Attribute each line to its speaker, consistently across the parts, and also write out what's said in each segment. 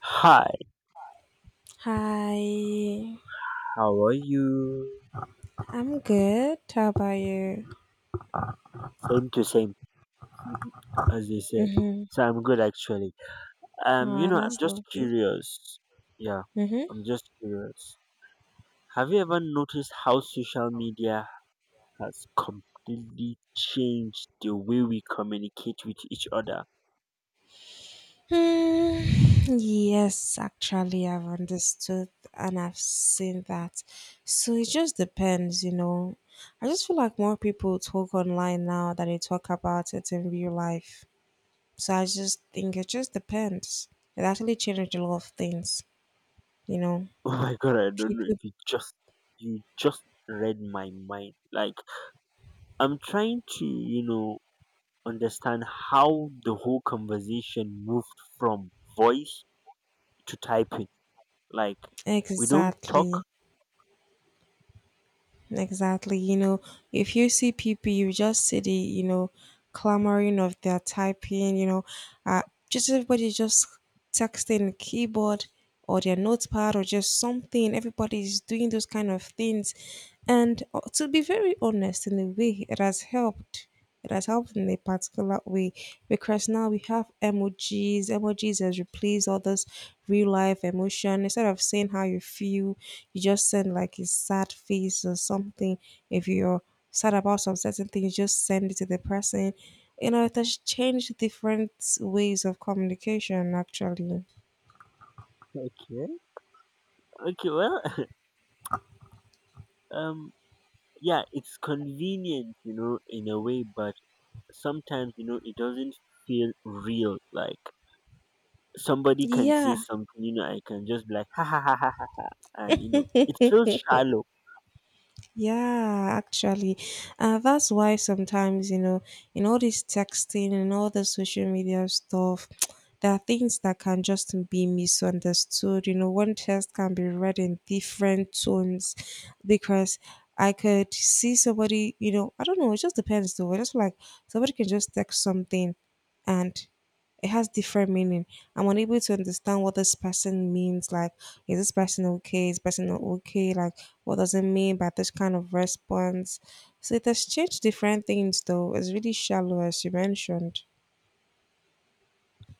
Speaker 1: Hi,
Speaker 2: Hi,
Speaker 1: how are you?
Speaker 2: I'm good. How about you?
Speaker 1: Same to same, as they say.
Speaker 2: Mm-hmm.
Speaker 1: So I'm good actually.
Speaker 2: Wow,
Speaker 1: I'm
Speaker 2: that's
Speaker 1: just
Speaker 2: lovely.
Speaker 1: curious. Yeah,
Speaker 2: Mm-hmm.
Speaker 1: I'm just curious. Have you ever noticed how social media has completely changed the way we communicate with each other?
Speaker 2: Hmm. Yes, actually, I've understood and I've seen that. So it just depends, you know. I just feel like more people talk online now than they talk about it in real life. So I just think it just depends. It actually changed a lot of things, you know.
Speaker 1: Oh my god, I don't know
Speaker 2: People,
Speaker 1: if you just read my mind. Like I'm trying to, understand how the whole conversation moved from voice to typing. Like we don't talk.
Speaker 2: exactly. Exactly. You know, if you see people, you just see the clamoring of their typing, uh, just everybody just texting the keyboard or their notepad or just something. Everybody's doing those kind of things. And to be very honest, in a way, it has helped. It has helped in a particular way because now we have emojis. Emojis has replaced all this real life emotion. Instead of saying how you feel, you just send like a sad face or something. If you're sad about some certain things, just send it to the person. You know, it has changed different ways of communication actually.
Speaker 1: Okay. Okay. Well, um, yeah, it's convenient, you know, in a way, but sometimes, you know, it doesn't feel real. Like somebody can say
Speaker 2: Yeah.
Speaker 1: something, you know, I can just be like, ha ha ha ha, ha," and you know, it feels shallow.
Speaker 2: Yeah, actually, that's why sometimes you know, in all this texting and all the social media stuff, there are things that can just be misunderstood. You know, one text can be read in different tones because I could see somebody. You know, I don't know. It just depends, though. It's like somebody can just text something, and it has different meaning. I'm unable to understand what this person means. Like, is this person okay? Is this person not okay? Like, what does it mean by this kind of response? So it has changed different things though. It's really shallow as you mentioned.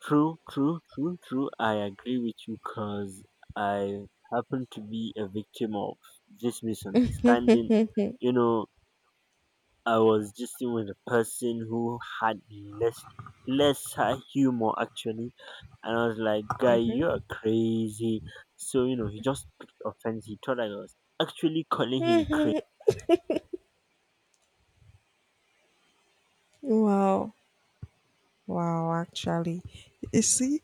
Speaker 1: True, true, true, true. I agree with you, cause I happen to be a victim of this misunderstanding. You know, I was just sitting with a person who had less less humor actually, and I was like, "Guy, you are crazy." So you know, he just picked offense. He thought I was actually calling him crazy.
Speaker 2: Wow. Wow, actually. You see,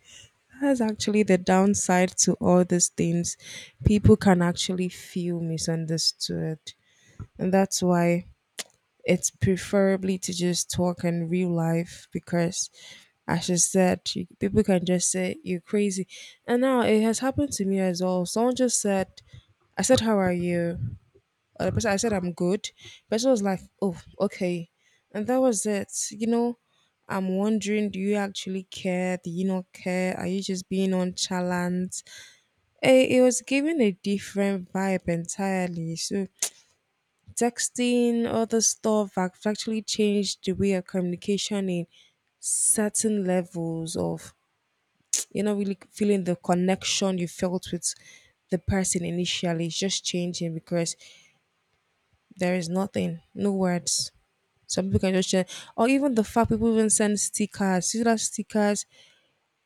Speaker 2: that's actually the downside to all these things. People can actually feel misunderstood. And that's why it's preferably to just talk in real life because as you said you, people can just say you're crazy, and now it has happened to me as well. Someone just said, I said how are you? The person, I said I'm good. Person was like oh okay, and that was it, you know. I'm wondering, do you actually care? Do you not care? Are you just being nonchalant? Eh, it was giving a different vibe entirely. So texting, other stuff have actually changed the way of communication in certain levels of you're not really feeling the connection you felt with the person initially. It's just changing because there is nothing, no words. Some people can just share, or even the fact people even send stickers. See that stickers.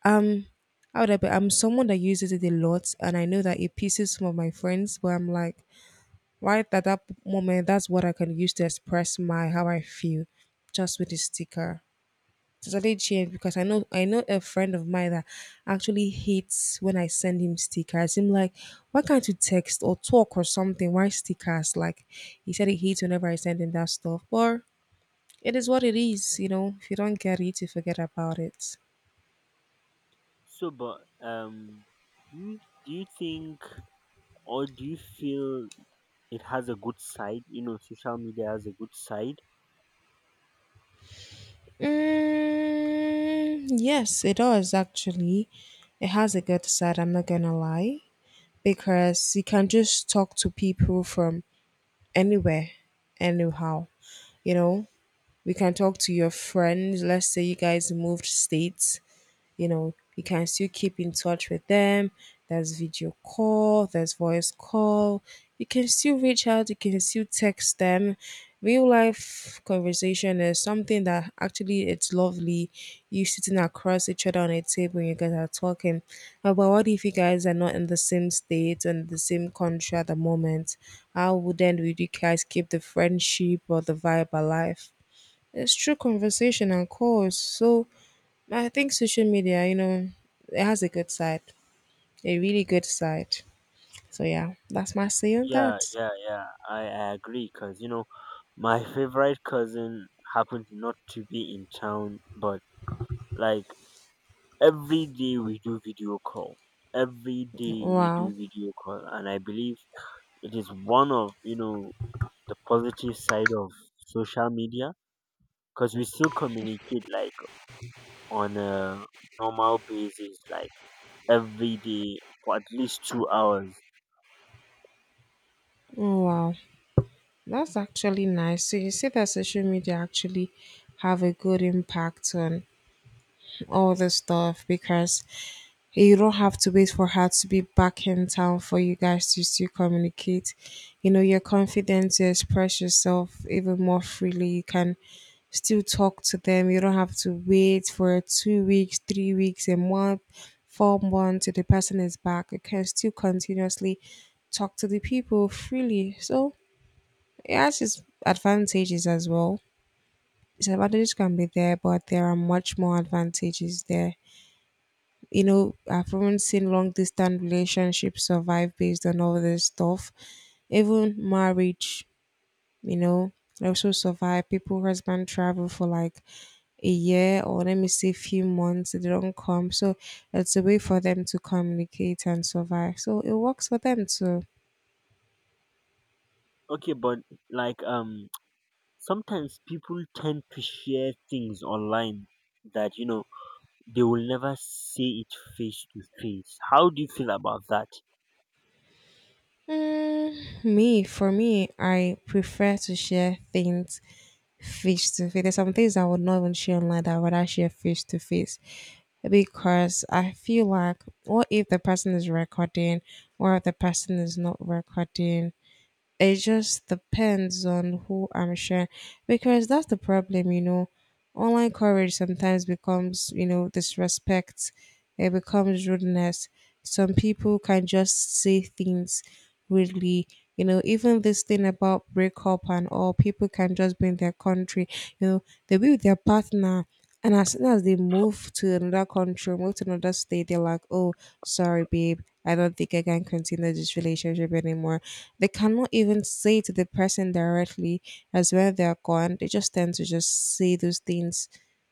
Speaker 2: Um, how would I be? I'm someone that uses it a lot, and I know that it pisses some of my friends. But I'm like, right at that moment, that's what I can use to express my how I feel just with the sticker. It's actually changed because I know a friend of mine that actually hates when I send him stickers. Him like, why can't you text or talk or something? Why stickers? Like he said he hates whenever I send him that stuff. But it is what it is, you know. If you don't get it, you forget about it.
Speaker 1: So, but um, you do you think or do you feel it has a good side? You know, social media has a good side.
Speaker 2: Mm, yes, it does actually. It has a good side, I'm not gonna lie. Because you can just talk to people from anywhere, anyhow. You know, we can talk to your friends. Let's say you guys moved states, you know, you can still keep in touch with them. There's video call, there's voice call. You can still reach out, you can still text them. Real life conversation is something that actually it's lovely. You sitting across each other on a table and you guys are talking. But what if you guys are not in the same state and the same country at the moment? How would then would you guys keep the friendship or the vibe alive? It's true conversation and calls. So I think social media, you know, it has a good side, a really good side. So yeah, that's my say on
Speaker 1: Yeah,
Speaker 2: that.
Speaker 1: yeah, yeah. I agree because you know, my favorite cousin happened not to be in town, but like every day we do video call. Every day we
Speaker 2: Wow,
Speaker 1: do video call, and I believe it is one of the positive side of social media because we still communicate like on a normal basis, like every day for at least 2 hours.
Speaker 2: wow, that's actually nice. So you see that social media actually have a good impact on all this stuff because you don't have to wait for her to be back in town for you guys to still communicate. You know, you're confident to express yourself even more freely. You can still talk to them. You don't have to wait for 2 weeks, 3 weeks, a month, 4 months till the person is back. You can still continuously talk to the people freely. So it has its advantages as well. Disadvantages can be there, but there are much more advantages there. You know, I've even seen long distance relationships survive based on all this stuff. Even marriage, you know, also survive. People husband travel for like a year, or let me say few months, they don't come. So it's a way for them to communicate and survive. So it works for them too.
Speaker 1: Okay, but like sometimes people tend to share things online that you know they will never say it face to face. How do you feel about that
Speaker 2: Mm, me, for me, I prefer to share things face to face. There's some things I would not even share online that I would rather share face to face because I feel like what if the person is recording, what if the person is not recording? It just depends on who I'm sharing because that's the problem, you know. Online courage sometimes becomes, you know, disrespect, it becomes rudeness. Some people can just say things rudely. You know, even this thing about breakup and all, people can just be in their country. You know, they'll be with their partner, and as soon as they move to another country, move to another state, they're like, oh, sorry, babe. I don't think I can continue this relationship anymore. They cannot even say to the person directly as when they're gone. They just tend to just say those things,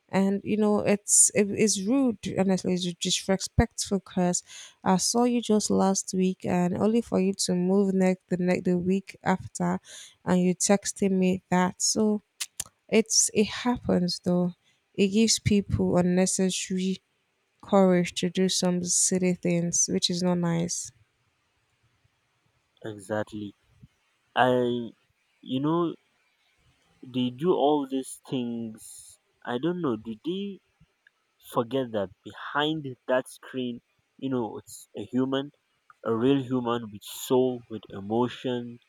Speaker 2: and you know it is rude, honestly, it's disrespectful because I saw you just last week and only for you to move next the week after, and you texting me that. So it happens though. It gives people unnecessary courage to do some silly things which is not nice,
Speaker 1: exactly? I you know they do all these things. I don't know. Do they forget that behind that screen, you know, it's a human, a real human with soul, with emotion,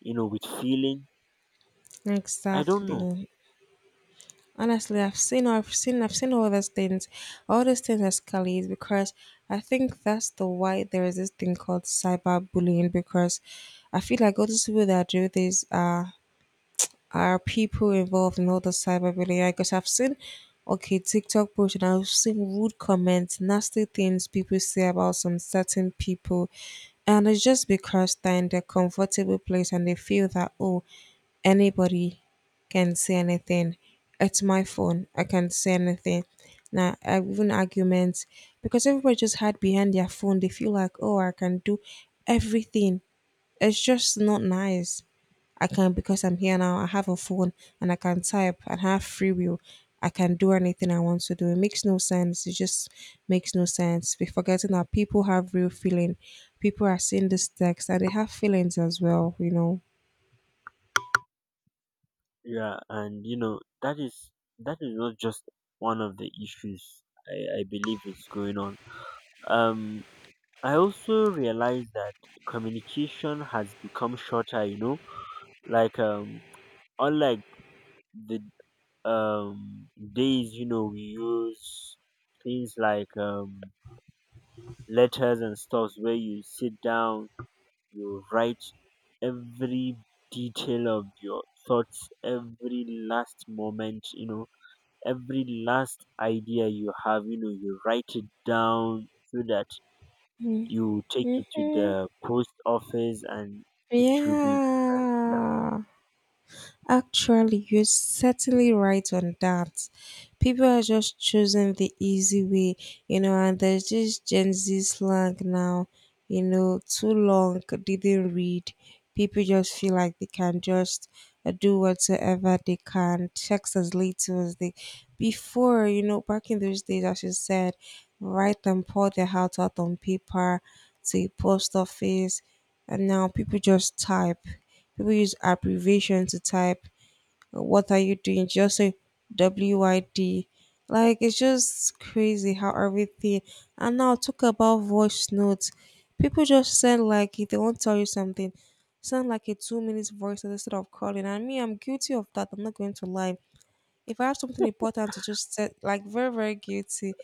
Speaker 1: you know, with feeling. I don't
Speaker 2: exactly.
Speaker 1: know.
Speaker 2: Honestly, I've seen all those things escalate because I think that's the why there is this thing called cyberbullying because I feel like all these people that do this are people involved in all the cyberbullying. Because I've seen okay TikTok posts and I've seen rude comments, nasty things people say about some certain people. And it's just because they're in their comfortable place and they feel that, oh, anybody can say anything. It's my phone. I can say anything. Now, even arguments, because everybody just hide behind their phone. They feel like, oh, I can do everything. It's just not nice. I can because I'm here now. I have a phone and I can type and have free will. I can do anything I want to do. It makes no sense. It just makes no sense. We're forgetting that people have real feeling. People are seeing this text and they have feelings as well. You know.
Speaker 1: Yeah, and you know that is not just one of the issues. I believe is going on. Um, I also realize that communication has become shorter. You know, like unlike the days you know we use things like letters and stuffs where you sit down you write every detail of your thoughts every last moment you know every last idea you have you know you write it down so that you take it to
Speaker 2: Mhm.
Speaker 1: the post office and it should be
Speaker 2: Yeah. Actually, you're certainly right on that. People are just choosing the easy way, you know, and there's this Gen Z slang now, you know, too long, didn't read. People just feel like they can just do whatsoever they can, text as little as they. Before, you know, back in those days, as you said, write and pour their heart out on paper to a post office, and now people just type. People use abbreviation to type "What are you doing?" Just say "WYD." Like it's just crazy how everything. And now talk about voice notes. People just send like if they want to tell you something, send like a 2 minutes voice note instead of calling. And me, I'm guilty of that. I'm not going to lie. If I have something important to just say, like very very guilty,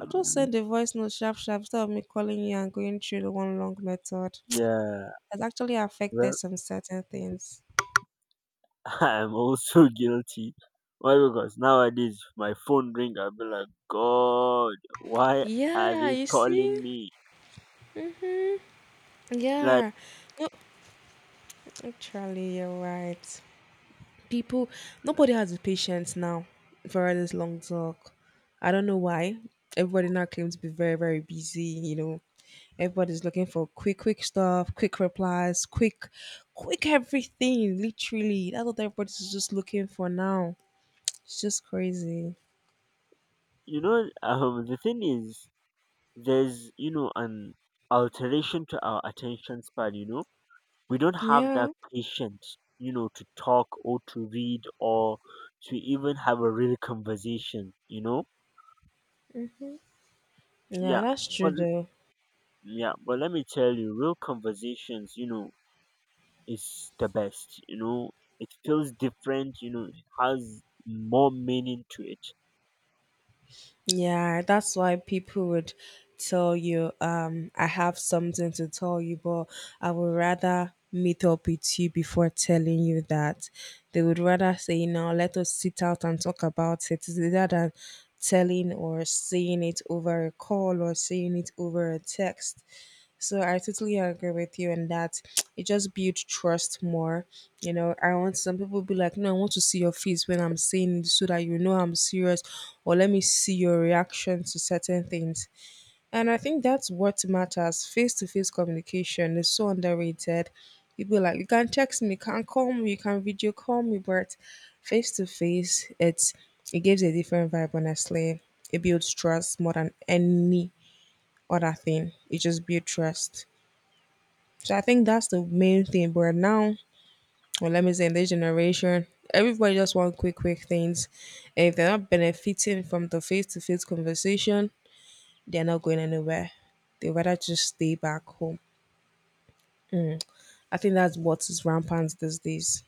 Speaker 2: I'll just send a voice note sharp sharp instead of me calling you and going through the one long method.
Speaker 1: yeah.
Speaker 2: Has actually affected
Speaker 1: Well,
Speaker 2: some certain things.
Speaker 1: I'm also guilty. Why? Because nowadays my phone ring, I'll be like, God, why are
Speaker 2: Yeah,
Speaker 1: they
Speaker 2: you see?
Speaker 1: calling me?
Speaker 2: Mm-hmm.
Speaker 1: Like,
Speaker 2: Yeah, actually, you're right. People, nobody has the patience now for all this long talk. I don't know why. Everybody now claims to be very, very busy. You know, everybody's looking for quick, quick stuff, quick replies, quick, quick everything. Literally, that's what everybody's just looking for now. It's just crazy.
Speaker 1: the thing is, there's, you know, an alteration to our attention span, you know? We don't have that
Speaker 2: Yeah,
Speaker 1: patience, you know, to talk or to read or to even have a real conversation, you know?
Speaker 2: yeah,
Speaker 1: Yeah.
Speaker 2: that's true
Speaker 1: But,
Speaker 2: though.
Speaker 1: yeah, but let me tell you, real conversations, you know, is the best. You know, it feels different. You know, it has more meaning to it.
Speaker 2: Yeah, that's why people would tell you, I have something to tell you, but I would rather meet up with you before telling you that. They would rather say, you know, let us sit out and talk about it rather than telling or saying it over a call or saying it over a text. So I totally agree with you in that it just builds trust more. You know, I want some people be like, no, I want to see your face when I'm saying this so that you know I'm serious, or let me see your reaction to certain things. And I think that's what matters. Face to face communication is so underrated. People like you can text me, you can call me, you can video call me, but face to face, it gives a different vibe. Honestly, it builds trust more than any other thing. It just builds trust. So I think that's the main thing. But now, well, let me say, in this generation, everybody just want quick, quick things. And if they're not benefiting from the face to face conversation, they're not going anywhere. They rather just stay back home. Mm. I think that's what is rampant these days.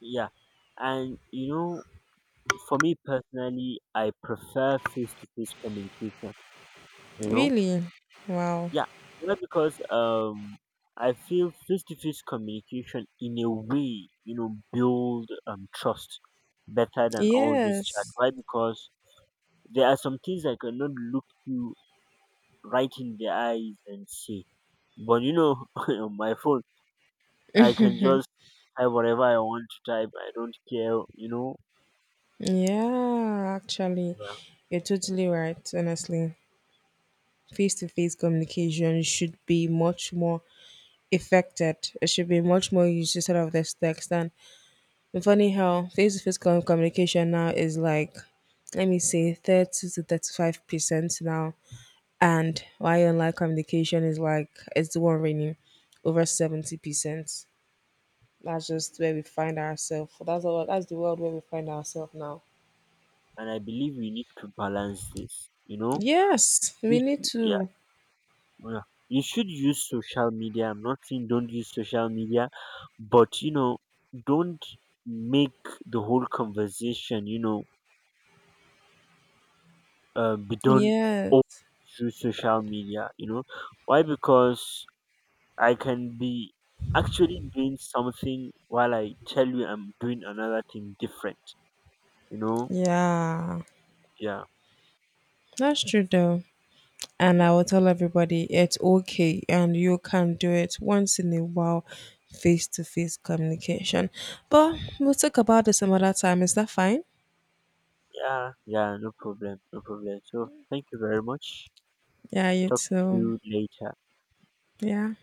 Speaker 1: Yeah, and you know, for me personally, I prefer face to face communication. You know,
Speaker 2: Really? Wow.
Speaker 1: yeah, well, because I feel face to face communication in a way, you know, build trust better than all this chat.
Speaker 2: Yes.
Speaker 1: Why? Because there are some things I cannot look you right in the eyes and say. But you know, on my phone, I can just type whatever I want to type. I don't care, you know.
Speaker 2: Yeah, actually,
Speaker 1: Yeah.
Speaker 2: you're totally right, honestly. Face to face communication should be much more affected. It should be much more used instead of this text. And but funny how face to face communication now is like, let me say, 30 to 35% now. And why online communication is like, it's the one reigning over 70%. That's just where we find ourselves. That's the world where we find ourselves now.
Speaker 1: And I believe we need to balance this, you know.
Speaker 2: Yes,
Speaker 1: You
Speaker 2: we need
Speaker 1: should, yeah,
Speaker 2: to.
Speaker 1: yeah. You should use social media. I'm not saying don't use social media, but you know, don't make the whole conversation, be done all
Speaker 2: Yes.
Speaker 1: through social media. You know why? Because I can be actually doing something while I tell you I'm doing another thing different. You know,
Speaker 2: Yeah.
Speaker 1: yeah,
Speaker 2: That's true though. And I
Speaker 1: yeah,
Speaker 2: will tell everybody it's okay and you can do it once in a while, face to face communication. But we'll talk about this some other time. Is that fine?
Speaker 1: yeah, yeah. No problem, no problem. So thank you very much.
Speaker 2: Yeah, you
Speaker 1: Talk to
Speaker 2: too.
Speaker 1: you later.
Speaker 2: Yeah.